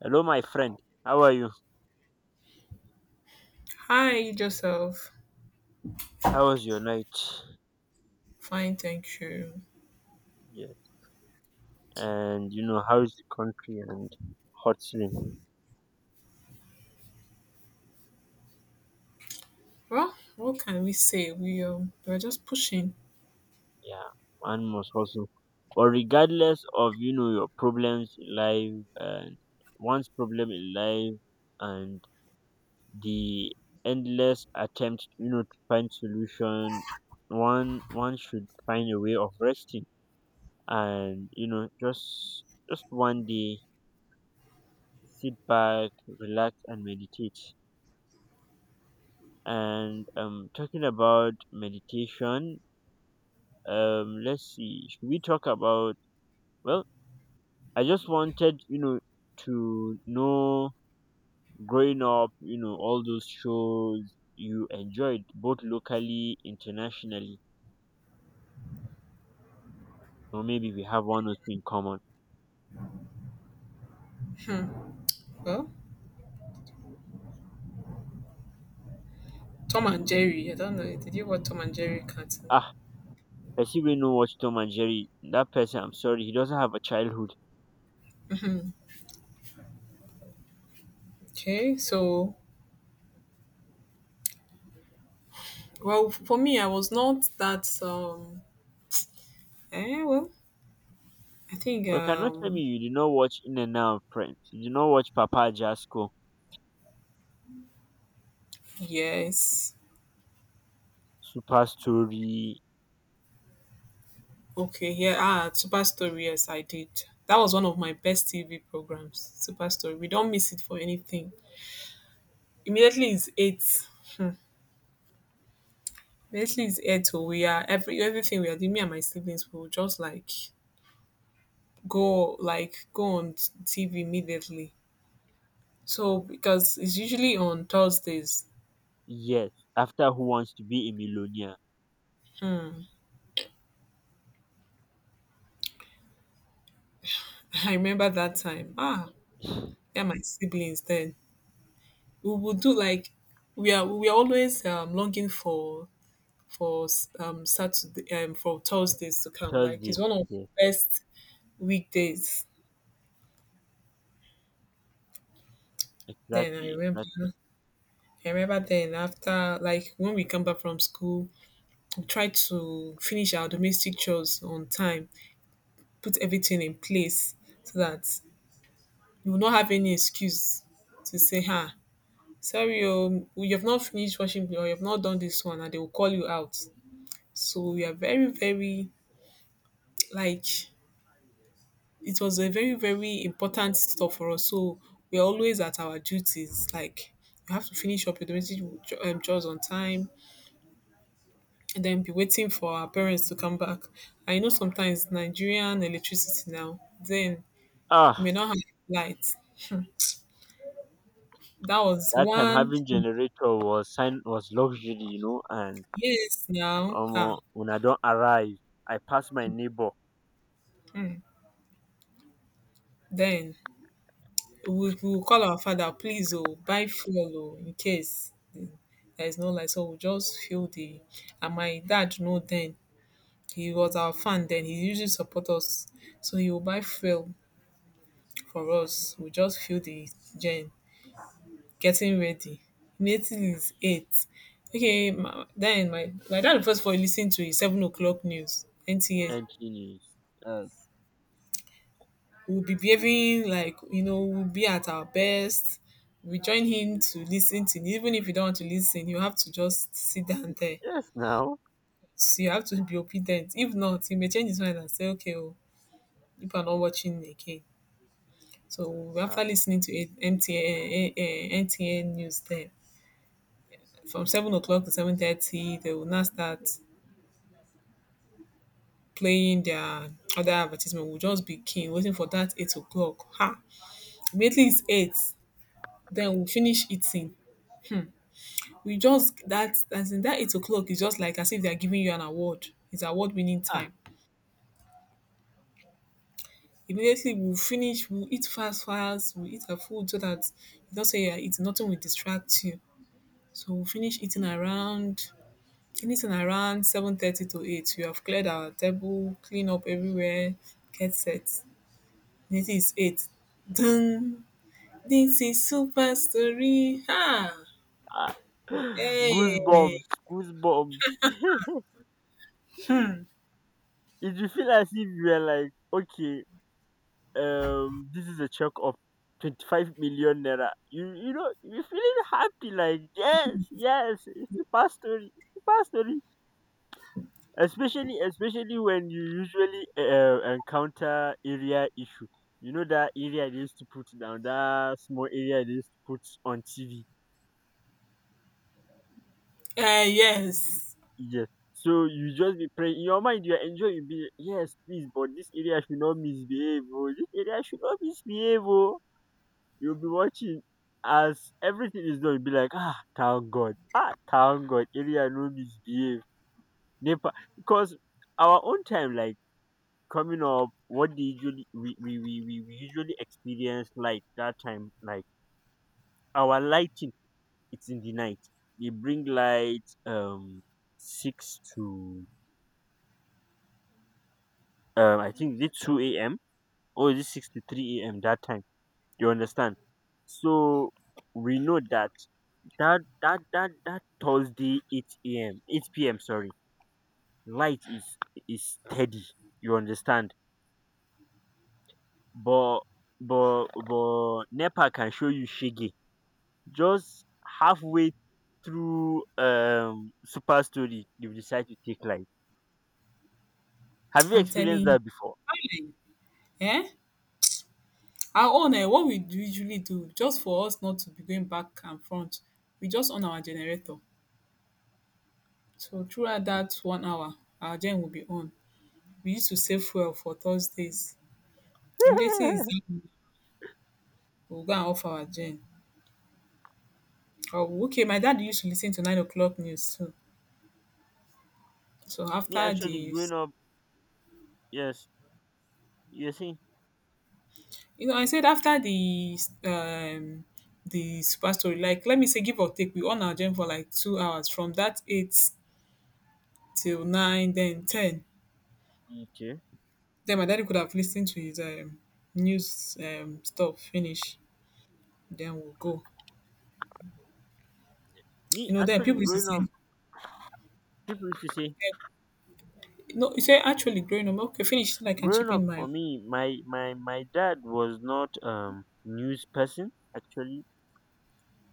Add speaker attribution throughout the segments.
Speaker 1: Hello, my friend. How are you?
Speaker 2: Hi, Joseph.
Speaker 1: How was your night?
Speaker 2: Fine, thank you.
Speaker 1: Yeah. And how's the country and hustling?
Speaker 2: Well, what can we say? We're just pushing.
Speaker 1: Yeah, one must hustle. But regardless of your problems in life and one's problem in life and the endless attempt to find solution, one should find a way of resting and just one day sit back, relax and meditate. And talking about meditation, let's see, should we talk about? Well, I just wanted, to know growing up, all those shows you enjoyed, both locally, internationally, or maybe we have one or two in common.
Speaker 2: Well, Tom and Jerry. I don't know. Did you watch Tom and Jerry cartoon?
Speaker 1: Ah, I see we know watch Tom and Jerry. That person, I'm sorry, he doesn't have a childhood.
Speaker 2: Okay, so well, for me, I was not that. Eh, well, I think
Speaker 1: Well, cannot tell me you did not watch In and Out Friends. You did not watch Papa Jasco,
Speaker 2: yes.
Speaker 1: Super Story,
Speaker 2: Okay, yeah. Ah, Super Story. Yes, I did. That was one of my best TV programs. Super Story. We don't miss it for anything. Immediately, it's eight. Hmm. Basically, it's head to we are every everything we are doing. Me and my siblings will just like go on TV immediately. So because it's usually on Thursdays.
Speaker 1: yes, after Who Wants to Be a Millionaire?
Speaker 2: I remember that time. Ah, yeah, my siblings then. We would do like we are always longing for for Saturday for Thursdays to come. Like
Speaker 1: Thursday.
Speaker 2: it's one of the
Speaker 1: Yes,
Speaker 2: best weekdays. Then I
Speaker 1: exactly, exactly.
Speaker 2: remember I remember then after like when we come back from school, try to finish our domestic chores on time, put everything in place so that you will not have any excuse to say, ah, sorry, oh, you have not finished washing or you have not done this one, and they will call you out. So we are very, very like it was a very, very important stuff for us. So we are always at our duties. Like you have to finish up your domestic chores on time. Then be waiting for our parents to come back. I know sometimes Nigerian electricity now then you
Speaker 1: Ah,
Speaker 2: may not have light. Hmm, that was
Speaker 1: that time
Speaker 2: one
Speaker 1: having
Speaker 2: thing.
Speaker 1: generator was sign was luxury. And
Speaker 2: Yes, now, ah,
Speaker 1: when I don't arrive, I pass my neighbor
Speaker 2: hmm, then we will call our father, please oh, buy fuel oh, in case there is no light, so we just fuel the. And my dad know then, he was our fan then, he usually support us, so he will buy fuel for us. We just fuel the gen, getting ready. In eighties is eight. Okay, my, then my dad first for listening to his 7 o'clock news, NTA.
Speaker 1: and he is yes,
Speaker 2: We'll be behaving like, you know, we'll be at our best. We join him to listen to even if you don't want to listen, you have to just sit down there.
Speaker 1: yes now.
Speaker 2: So you have to be obedient. If not, he may change his mind and say, "Okay, oh, people are not watching again." So
Speaker 1: Ah,
Speaker 2: after listening to it, MTN, NTN news, there from 7 o'clock to 7:30, they will now start playing their other advertisement. We'll just be keen, waiting for that 8 o'clock. Ha! Immediately it's eight, then we finish eating. We just that as in that 8 o'clock is just like as if they're giving you an award. It's award winning
Speaker 1: ah,
Speaker 2: time. Immediately we'll finish, we'll eat fast fast, we'll eat our food so that you don't say you're eating, nothing will distract you. So we'll finish eating around anything around 7:30 to eight. We have cleared our table, clean up everywhere, get set. Immediately it's eight. Dun. This is Super Story. Ah,
Speaker 1: ah.
Speaker 2: hey,
Speaker 1: Goosebumps, goosebumps. If you feel as if you are like okay, this is a check of 25 million naira. You're feeling happy like yes, yes, it's a past story, it's a past story, especially when you usually encounter area issue. That area they used to put down, that small area they used to put on tv,
Speaker 2: eh, yes,
Speaker 1: yes, so you just be praying in your mind, you're enjoying. You be yes please, but this area should not misbehave oh. This area should not misbehave oh. You'll be watching as everything is done, you'll be like, ah, thank God. Ah, thank God. Area no misbehave. Nepa. Because our own time, like coming up, what they usually, we usually experience like that time, like our lighting, it's in the night. They bring light 6 to I think is it 2 AM or is it 6 to 3 AM that time. You understand? So we know that that Thursday 8 a.m, 8 p.m, sorry, light is steady, you understand. But nepa can show you shege just halfway through super story, you decide to take light. Have you
Speaker 2: I'm telling
Speaker 1: experienced
Speaker 2: you.
Speaker 1: that before?
Speaker 2: Fine. Eh? Our own, eh, what we do usually do, just for us not to be going back and front, we just on our generator. So throughout that 1 hour, our gen will be on. We used to save fuel for Thursdays. Immediately is done, we'll go and off our gen. Oh, okay, my dad used to listen to 9 o'clock news too. So
Speaker 1: me
Speaker 2: after
Speaker 1: actually
Speaker 2: the,
Speaker 1: growing up yes you see
Speaker 2: you know, I said after um the super story, like let me say give or take, we on our gym for like 2 hours, from that eight till nine, then ten.
Speaker 1: okay
Speaker 2: Then my daddy could have listened to his news stuff finish. Then we'll go.
Speaker 1: Me
Speaker 2: You know, then
Speaker 1: actually
Speaker 2: people used to
Speaker 1: growing up,
Speaker 2: say,
Speaker 1: people used to say
Speaker 2: eh, no, you say actually growing up, okay, finish so I can
Speaker 1: growing
Speaker 2: chip
Speaker 1: up
Speaker 2: in my
Speaker 1: for me, my dad was not news person actually.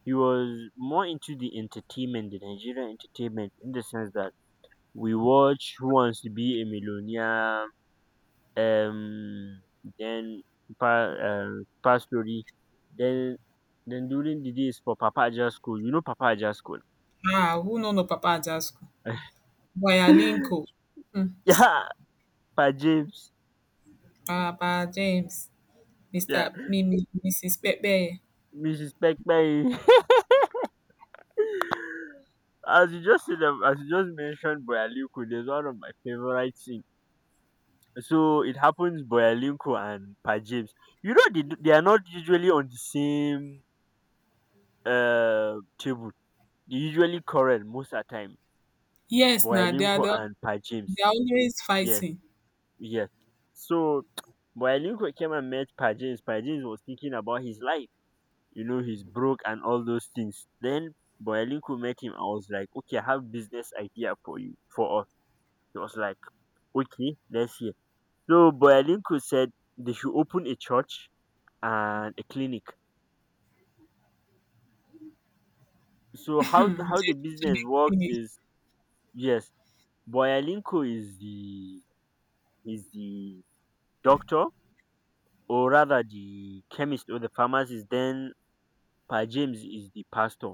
Speaker 1: He was more into the entertainment, the Nigerian entertainment, in the sense that we watch Who Wants to Be a Millionaire, um then super story, then then during the days, for Papa Aja school. You know Papa Aja school.
Speaker 2: ah, who no no Papa Jasco. Wayalinko,
Speaker 1: Yeah, Pa James.
Speaker 2: Papa James, Mr.
Speaker 1: Yeah,
Speaker 2: Mimi, Mrs. Pepe.
Speaker 1: Mrs. Pekpe. As you just mentioned Boyalinko, there's one of my favorite things. So it happens Boyalinko and Pa James. You know they, they are not usually on the same table. They usually quarrel most of the time.
Speaker 2: Yes, now they are
Speaker 1: Boyalinko
Speaker 2: the,
Speaker 1: and Pa James.
Speaker 2: they are always
Speaker 1: Yes,
Speaker 2: fighting.
Speaker 1: yes. So Boyalinko came and met Pa James. Pa James was thinking about his life. He's broke and all those things. Then Boyalinko met him. I was like, okay, I have business idea for you, for us. He was like, okay, let's hear. So Boyalinko said they should open a church and a clinic. So how
Speaker 2: They
Speaker 1: the- how the business works
Speaker 2: do to.
Speaker 1: is, yes, Boyalinko is the doctor, or rather the chemist or the pharmacist. Then Pa James is the pastor.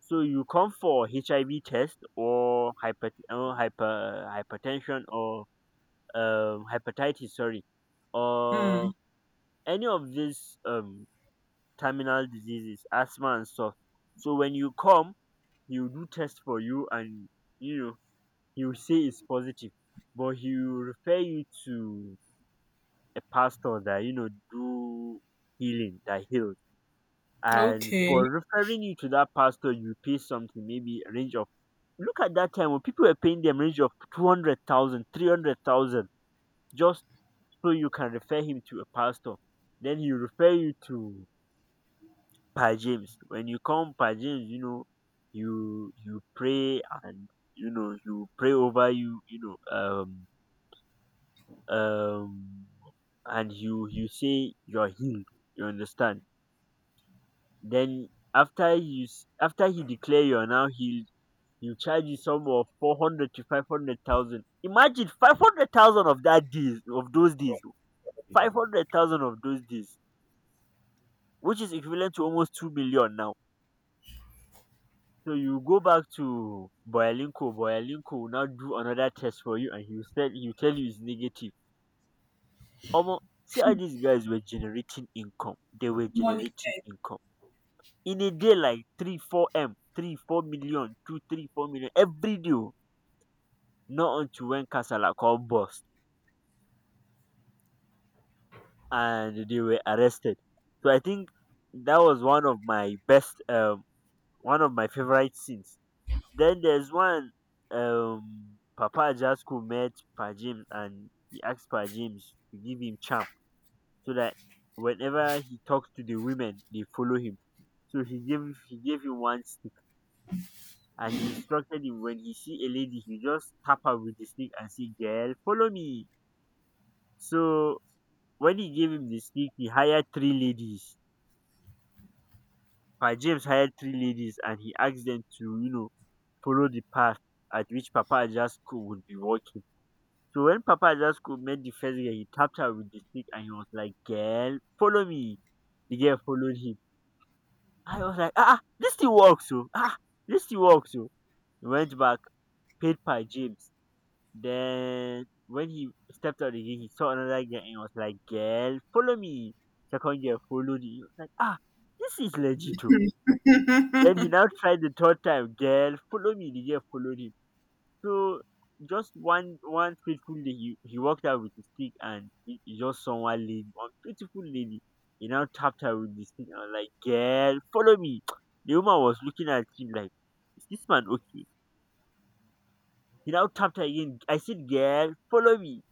Speaker 1: So you come for HIV test or hypertension or hepatitis. Sorry,
Speaker 2: Hmm.
Speaker 1: or any of these terminal diseases, asthma and stuff. So when you come, he will do test for you, and you know he will say it's positive, but he will refer you to a pastor that do healing, that heals. And for
Speaker 2: Okay.
Speaker 1: referring you to that pastor, you pay something, maybe a range of. Look at that time when people were paying them range of 200,000, 300,000, just so you can refer him to a pastor. Then he will refer you to per James. When you come per James, you pray, and you pray over you, know, um um and you say you're healed. You understand? Then after he declare you're now healed, he will charge you some of 400 to 500,000. Imagine 500,000 of those days. 500,000 of those days, which is equivalent to almost 2 million now. So you go back to Boyalinko. Boyalinko will now do another test for you, and he will tell you it's negative. Omo, see how these guys were generating income. They were generating
Speaker 2: Monitored.
Speaker 1: income. In a day like 3, 4M, 3, 4 million, 2, 3, 4 million, every day. Oh, not until when Kasala called bust and they were arrested. So I think that was one of my one of my favorite scenes. Then there's one Papa Jasco met Pa James and he asked Pa James to give him charm so that whenever he talks to the women they follow him. So he gave him one stick, and he instructed him, when he see a lady he just tap her with the stick and say, "Girl, follow me." So when he gave him the stick, he hired three ladies. Pa James hired three ladies and he asked them to, follow the path at which Papa Jasco would be walking. So when Papa Jasco met the first girl, he tapped her with the stick and he was like, "Girl, follow me." The girl followed him. I was like, ah, ah, this still works. So, ah, ah, this still works. So, he went back, paid by James. Then, when he stepped out again, he saw another girl and he was like, "Girl, follow me." Second girl followed him. He was like, ah, this is legit oh. Then he now tried the third time, "Girl, follow me." The girl followed him. So just one fateful day, he walked out with his stick and he just saw one lady, one beautiful lady. He now tapped her with the stick and was like, "Girl, follow me." The woman was looking at him like, "Is this man okay?" He now tapped her again. I said, "Girl, follow me."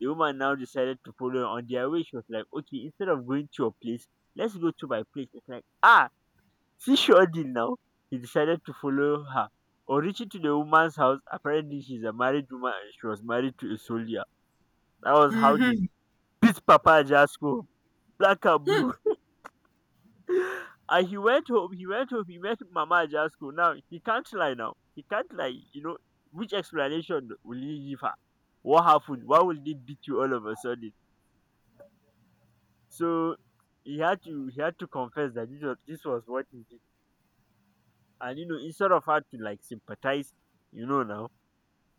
Speaker 1: The woman now decided to follow. On their way, she was like, "Okay, instead of going to your place, let's go to my place." It's like, "Ah, see, seasoning." Now, he decided to follow her. On reaching to the woman's house, apparently she's a married woman and she was married to a soldier. That was how they beat Papa Jasko, black and blue. And he went home, he met Mama Jasko. Now, he can't lie now. He can't lie, which explanation will he give her? What happened? Why will they beat you all of a sudden? So, he had to confess that this was what he did. And instead of her to like sympathize, now,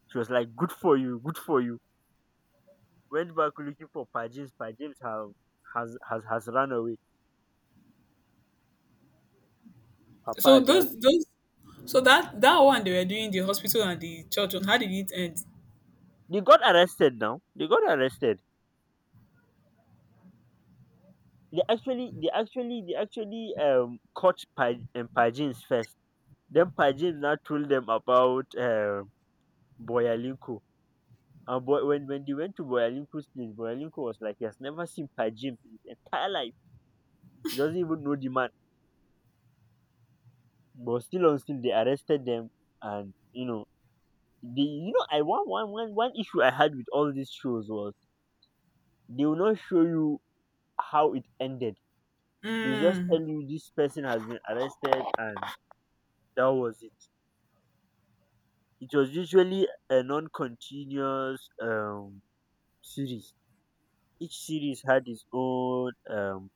Speaker 1: she was like, "Good for you, good for you." Went back looking for Pa James. Pa James have has run away.
Speaker 2: So
Speaker 1: Papa just
Speaker 2: those, so that that one they were doing, the hospital and the church one, how did it end?
Speaker 1: They got arrested now. They got arrested. They actually caught Pa James first. Then Pa James now told them about Boyalinko. And boy, when they went to Boyalinko's place, Boyalinko was like, he has never seen Pa James in his entire life. He doesn't even know the man. But still on still, they arrested them, and They, you know, I one one one one issue I had with all these shows was they will not show you how it ended. They will just tell
Speaker 2: Mm,
Speaker 1: you this person has been arrested and that was it. It was usually a non-continuous series. Each series had its own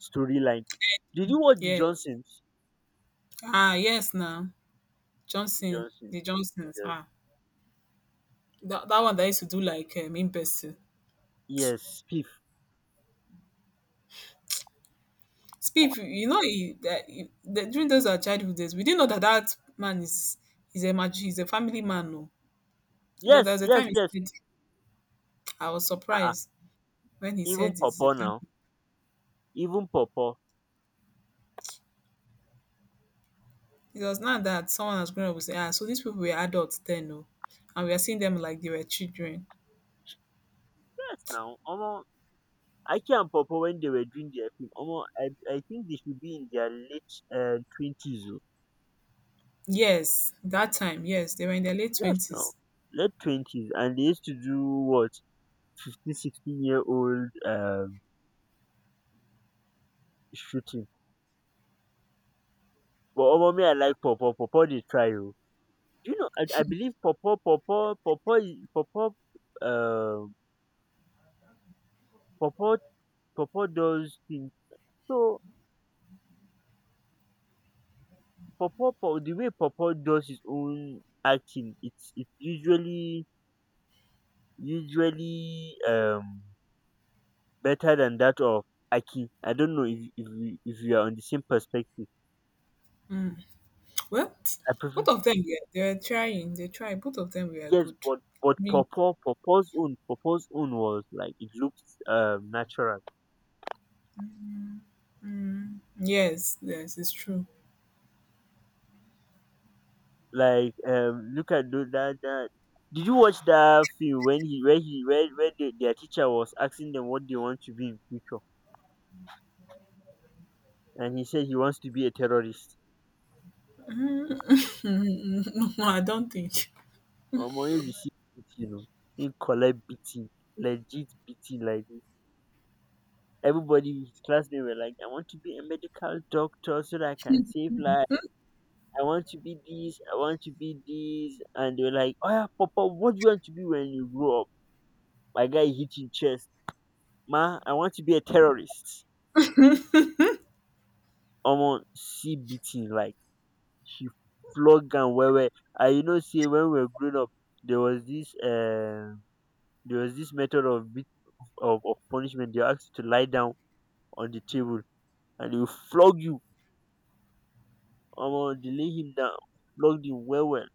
Speaker 1: storyline. Did you watch the
Speaker 2: yes.
Speaker 1: Johnsons?
Speaker 2: Ah, yes now.
Speaker 1: The
Speaker 2: Johnson,
Speaker 1: Johnsons.
Speaker 2: the Johnsons.
Speaker 1: Yes,
Speaker 2: Ah. That, that one that used to do like in person.
Speaker 1: yes, Piff.
Speaker 2: Speak, you know, he- that during those our childhood days, we didn't know that that man is a mag- he's a family man. No, you know, there
Speaker 1: Yes,
Speaker 2: was a
Speaker 1: yes,
Speaker 2: time he
Speaker 1: yes.
Speaker 2: said, I was
Speaker 1: Uh-uh.
Speaker 2: surprised when he
Speaker 1: Even
Speaker 2: said he's a
Speaker 1: Popo now.
Speaker 2: family.
Speaker 1: Even Popo.
Speaker 2: Because now that someone has grown up will say, ah, so these people were adults then, oh, and we are seeing them like they were children.
Speaker 1: Yes, now. Omo, Aki and popo, when they were doing their film, omo, I think they should be in their late twenties oh.
Speaker 2: Yes, that time, yes, they were in their late
Speaker 1: Yes, now,
Speaker 2: twenties.
Speaker 1: late 20s, and they used to do what 15, 16-year old shooting. But omo, me I like popo. Popo they try oh. Do you know? I believe popo is Pawpaw, um, popo popo does things. So popo popo the way popo does his own acting, it's usually better than that of Aki. I don't know if you are on the same perspective.
Speaker 2: Well,
Speaker 1: I prefer.
Speaker 2: both of them, yeah, they were trying, they tried. Both of them were
Speaker 1: Yes,
Speaker 2: good.
Speaker 1: but
Speaker 2: I mean,
Speaker 1: Popo's own was like it looks natural.
Speaker 2: yes, yes, it's true.
Speaker 1: Like look at that. Did you watch that film when he where the, their teacher was asking them what they want to be in future, and he said he wants to be a terrorist?
Speaker 2: No, I don't think.
Speaker 1: Omo, he received beating, he collect beating, legit beating like everybody in his classmates were like, I want to be a medical doctor so that I can save life. I want to be this, I want to be this. And they were like, oh yeah, Papa, what do you want to be when you grow up? My guy hit him chest. Ma, I want to be a terrorist. Omo, see beating like she flogged and well well. I you know say when we were growing up, there was this method of punishment. They asked you to lie down on the table, and they will flog you. Omo dey lay him down, flog him well well.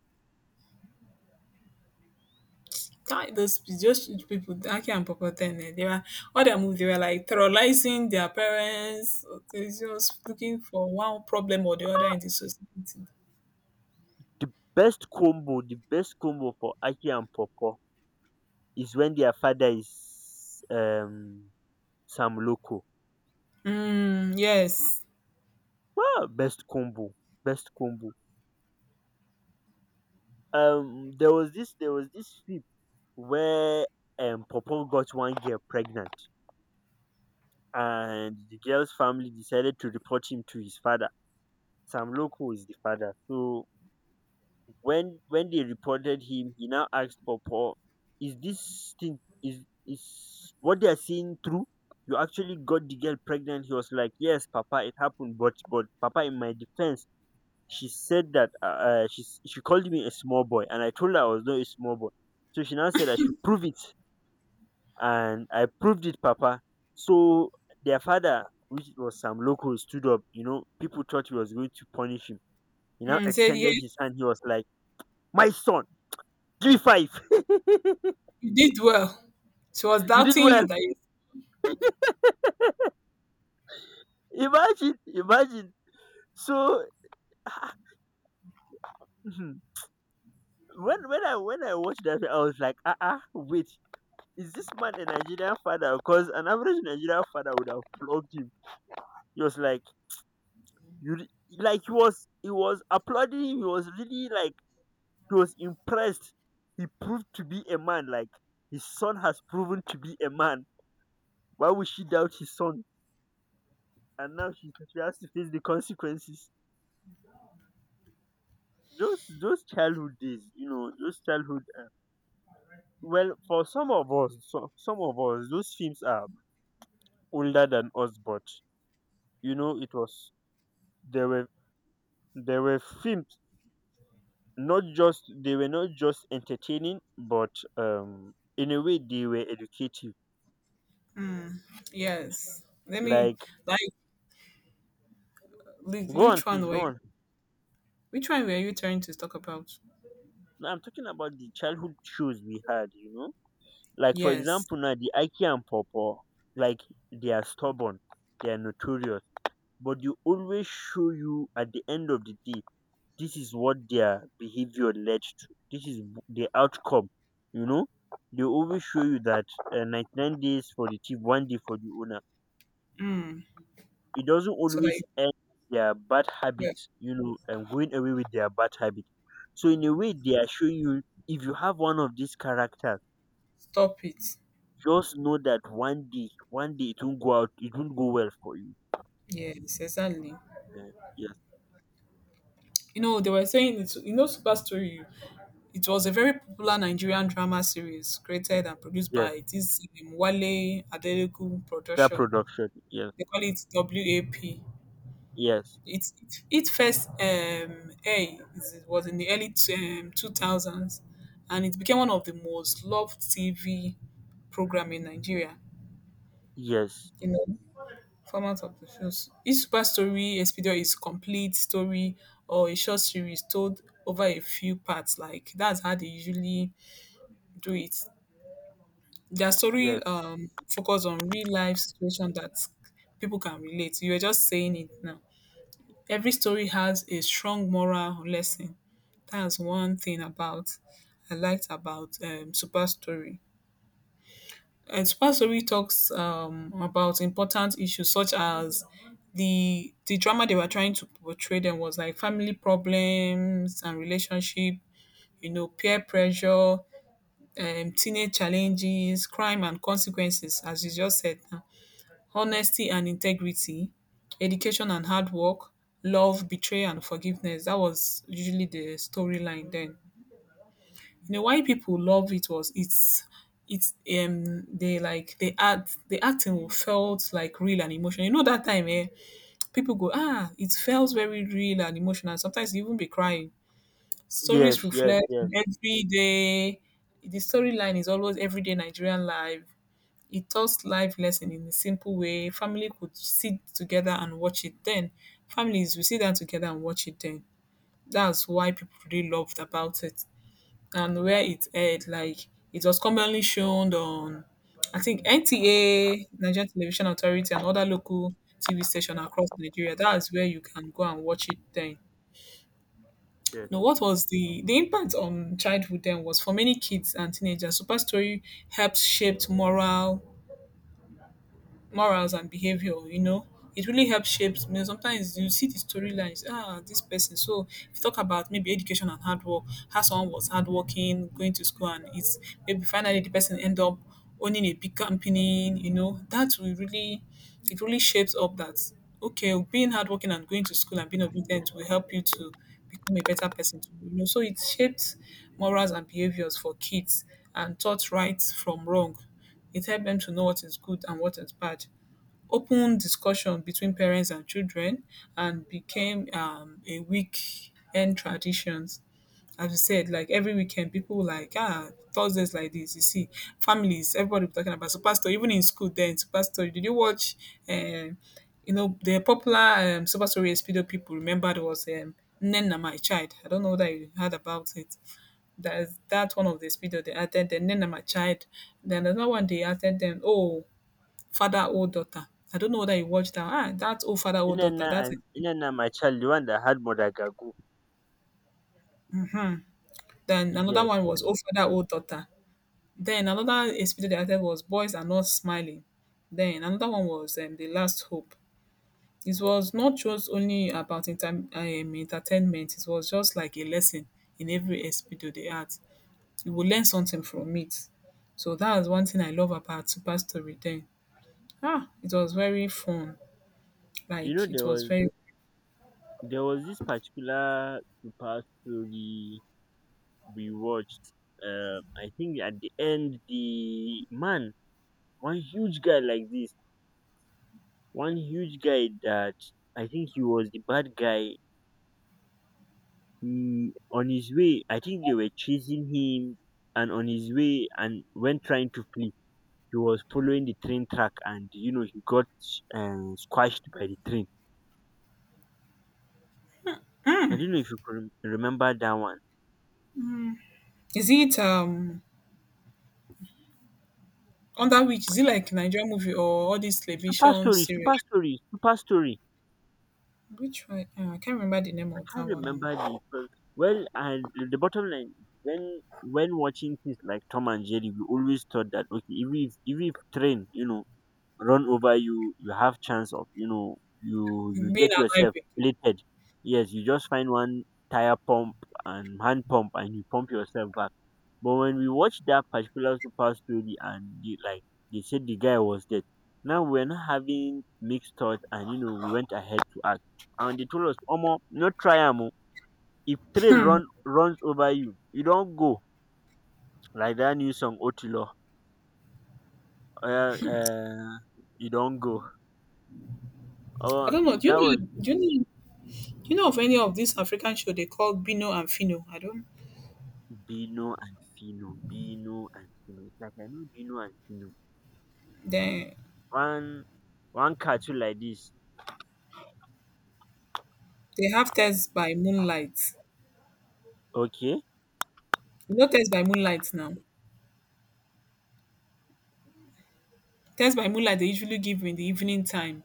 Speaker 2: That, those just people, Aki and Papa Ten, eh, they were all their moves. They were like terrorizing their parents. So, they just looking for one problem or the other in the society.
Speaker 1: The best combo for Aki and Popo is when their father is Sam Loco.
Speaker 2: Mm, yes.
Speaker 1: Wow, best combo, best combo. There was this film where Popo got one girl pregnant, and the girl's family decided to report him to his father. Sam Loco is the father. So when they reported him, he now asked for, is this thing is what they are seeing true, you actually got the girl pregnant? He was like, yes Papa, it happened, but Papa, in my defense, she said that she called me a small boy, and I told her I was not a small boy, so she now said I should prove it, and I proved it, Papa. So their father, which was some local, stood up. You know, people thought he was going to punish him. He now
Speaker 2: Mm, said,
Speaker 1: extended
Speaker 2: yes,
Speaker 1: his hand. He was like, my son, G5.
Speaker 2: you did well. She was
Speaker 1: You did
Speaker 2: doubting
Speaker 1: well.
Speaker 2: you that you,
Speaker 1: Imagine, imagine. So when when I watched that, I was like, ah, wait, is this man a Nigerian father? Because an average Nigerian father would have flogged him. He was like, you re- like he was applauding him. He was really like he was impressed. He proved to be a man. Like his son has proven to be a man. Why would she doubt his son? And now she has to face the consequences. Those childhood days, you know, those childhood. Well, for some of us, those films are older than us, but you know, it was, there were there were films, not just they were not just entertaining, but in a way they were educative.
Speaker 2: yes. Let me,
Speaker 1: Like,
Speaker 2: like, li-
Speaker 1: go on,
Speaker 2: which one
Speaker 1: please go
Speaker 2: were you,
Speaker 1: on.
Speaker 2: which one were you trying to talk about?
Speaker 1: Now I'm talking about the childhood shows we had, you know, like for
Speaker 2: Yes.
Speaker 1: example now the Aki and Popo, like they are stubborn, they are notorious, but you always show you at the end of the day this is what their behavior led to, the outcome, you know, they always show you that 99 days for the thief, one day for the owner.
Speaker 2: Mm.
Speaker 1: It doesn't
Speaker 2: So like,
Speaker 1: always end their bad
Speaker 2: yeah,
Speaker 1: habits, you know, and going away with their bad habit. So in a way they are showing you, if you have one of these characters,
Speaker 2: stop it.
Speaker 1: just know that one day, one day it won't go well for you.
Speaker 2: Yes, exactly.
Speaker 1: Yes.
Speaker 2: You know, they were saying it's, you know, Super Story. It was a very popular Nigerian drama series created and produced
Speaker 1: Yes,
Speaker 2: by this Wale Adeleku
Speaker 1: Car
Speaker 2: production.
Speaker 1: production. Yes,
Speaker 2: They call it WAP.
Speaker 1: yes,
Speaker 2: It, it it first aired it was in the early 2000s, and it became one of the most loved TV program in Nigeria.
Speaker 1: yes.
Speaker 2: You know, format of the shows. Each super story expedia is complete story or a short series told over a few parts. Like that's how they usually do it. Their
Speaker 1: Yes,
Speaker 2: story focus on real life situation that people can relate. You were just saying it now. Every story has a strong moral lesson. That's one thing about I liked about Super Story. And Super Story talks about important issues such as the drama they were trying to portray them was like family problems and relationship, you know, peer pressure, teenage challenges, crime and consequences, as you just said now. Honesty and integrity, education and hard work, love, betrayal and forgiveness. That was usually the storyline then. You know why people love it was it's they like they act the acting felt like real and emotional. You know that time eh, people go ah it felt very real and emotional. Sometimes you even be crying. Stories
Speaker 1: yes, yes,
Speaker 2: reflect
Speaker 1: yes,
Speaker 2: on everyday. The storyline is always everyday Nigerian life. It taught life lesson in a simple way. Family could sit together and watch it then. Families will sit down together and watch it then. That's why people really loved about it. And where it aired, like it was commonly shown on, I think, NTA, Nigerian Television Authority, and other local TV station across Nigeria. That is where you can go and watch it then. Now,
Speaker 1: yes.
Speaker 2: what was the impact on childhood then was for many kids and teenagers. Super Story helped shape moral morals and behavior, you know, it really helps shapes, you know, sometimes you see the storylines ah this person, so if you talk about maybe education and hard work, how someone was hardworking, going to school, and it's maybe finally the person end up owning a big company, you know, that will really, it really shapes up that okay, being hardworking and going to school and being obedient will help you to become a better person, you know, so it shapes morals and behaviors for kids and taught right from wrong, it helps them to know what is good and what is bad. Open discussion between parents and children, and became a weekend traditions. As you said, like every weekend, people like ah Thursdays like this. You see, families, everybody be talking about so, pastor, even in school, then so pastor, did you watch? Um, you know the popular super story Espido people. Remember there was Nnenna my child. I don't know that you heard about it. There's that one of the speed they added them. Then I'm a child. Then another one they added them. Oh, father, oh daughter. I don't know whether you watched that. Ah, that's oh father, oh
Speaker 1: Nnenna
Speaker 2: daughter. That's it.
Speaker 1: and Nnenna, my child, the one that had Modagagu.
Speaker 2: Then another
Speaker 1: Yes.
Speaker 2: one was oh father, oh daughter. Then another speed they added was boys are not smiling. Then another one was the last hope. It was not just only about entertainment. It was just like a lesson in every aspect of the art. You will learn something from it. So that is one thing I love about Super Story. Then ah, it was very fun.
Speaker 1: You know,
Speaker 2: Like it
Speaker 1: there
Speaker 2: was
Speaker 1: was
Speaker 2: very.
Speaker 1: this particular super story we watched. I think at the end the man, one huge guy like this, one huge guy that, I think, he was the bad guy. He on his way, I think they were chasing him, and on his way, and when trying to flee, he was following the train track, and you know he got squashed by the train. I don't know if you could remember that one.
Speaker 2: Is it under which is it like Nigerian movie or all this
Speaker 1: Super
Speaker 2: television
Speaker 1: story, super
Speaker 2: series?
Speaker 1: story, super story.
Speaker 2: Which one? I can't remember the name
Speaker 1: I
Speaker 2: of that
Speaker 1: can't
Speaker 2: one.
Speaker 1: remember the film. Well, and the bottom line, when watching things like Tom and Jerry, we always thought that okay, even if train, you know, run over you, you have chance of, you know, you
Speaker 2: Being
Speaker 1: get
Speaker 2: alive.
Speaker 1: yourself plated. Yes, you just find one tire pump and hand pump and you pump yourself back. But when we watched that particular super story and like they said the guy was dead, now we're not having mixed thoughts, and you know, we went ahead to act, and they told us omo no try am o, if train runs over you, you don't go. Like that new song, otilo. uh, uh, you don't go.
Speaker 2: I
Speaker 1: Oh,
Speaker 2: don't know. Do
Speaker 1: that
Speaker 2: you
Speaker 1: was...
Speaker 2: know? Do you know? Do you know of any of these African show they call Bino and Fino? I don't.
Speaker 1: Bino and Fino, Bino and Fino. It's like I know Bino and Fino.
Speaker 2: They
Speaker 1: One one cartoon like this.
Speaker 2: they have tests by moonlight.
Speaker 1: Okay.
Speaker 2: You know tests by moonlight now. Tests by moonlight they usually give in the evening time.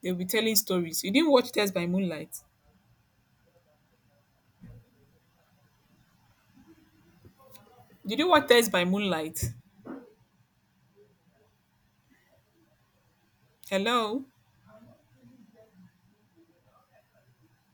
Speaker 2: They'll be telling stories. You didn't watch tests by moonlight. Did you watch tests by moonlight? Hello.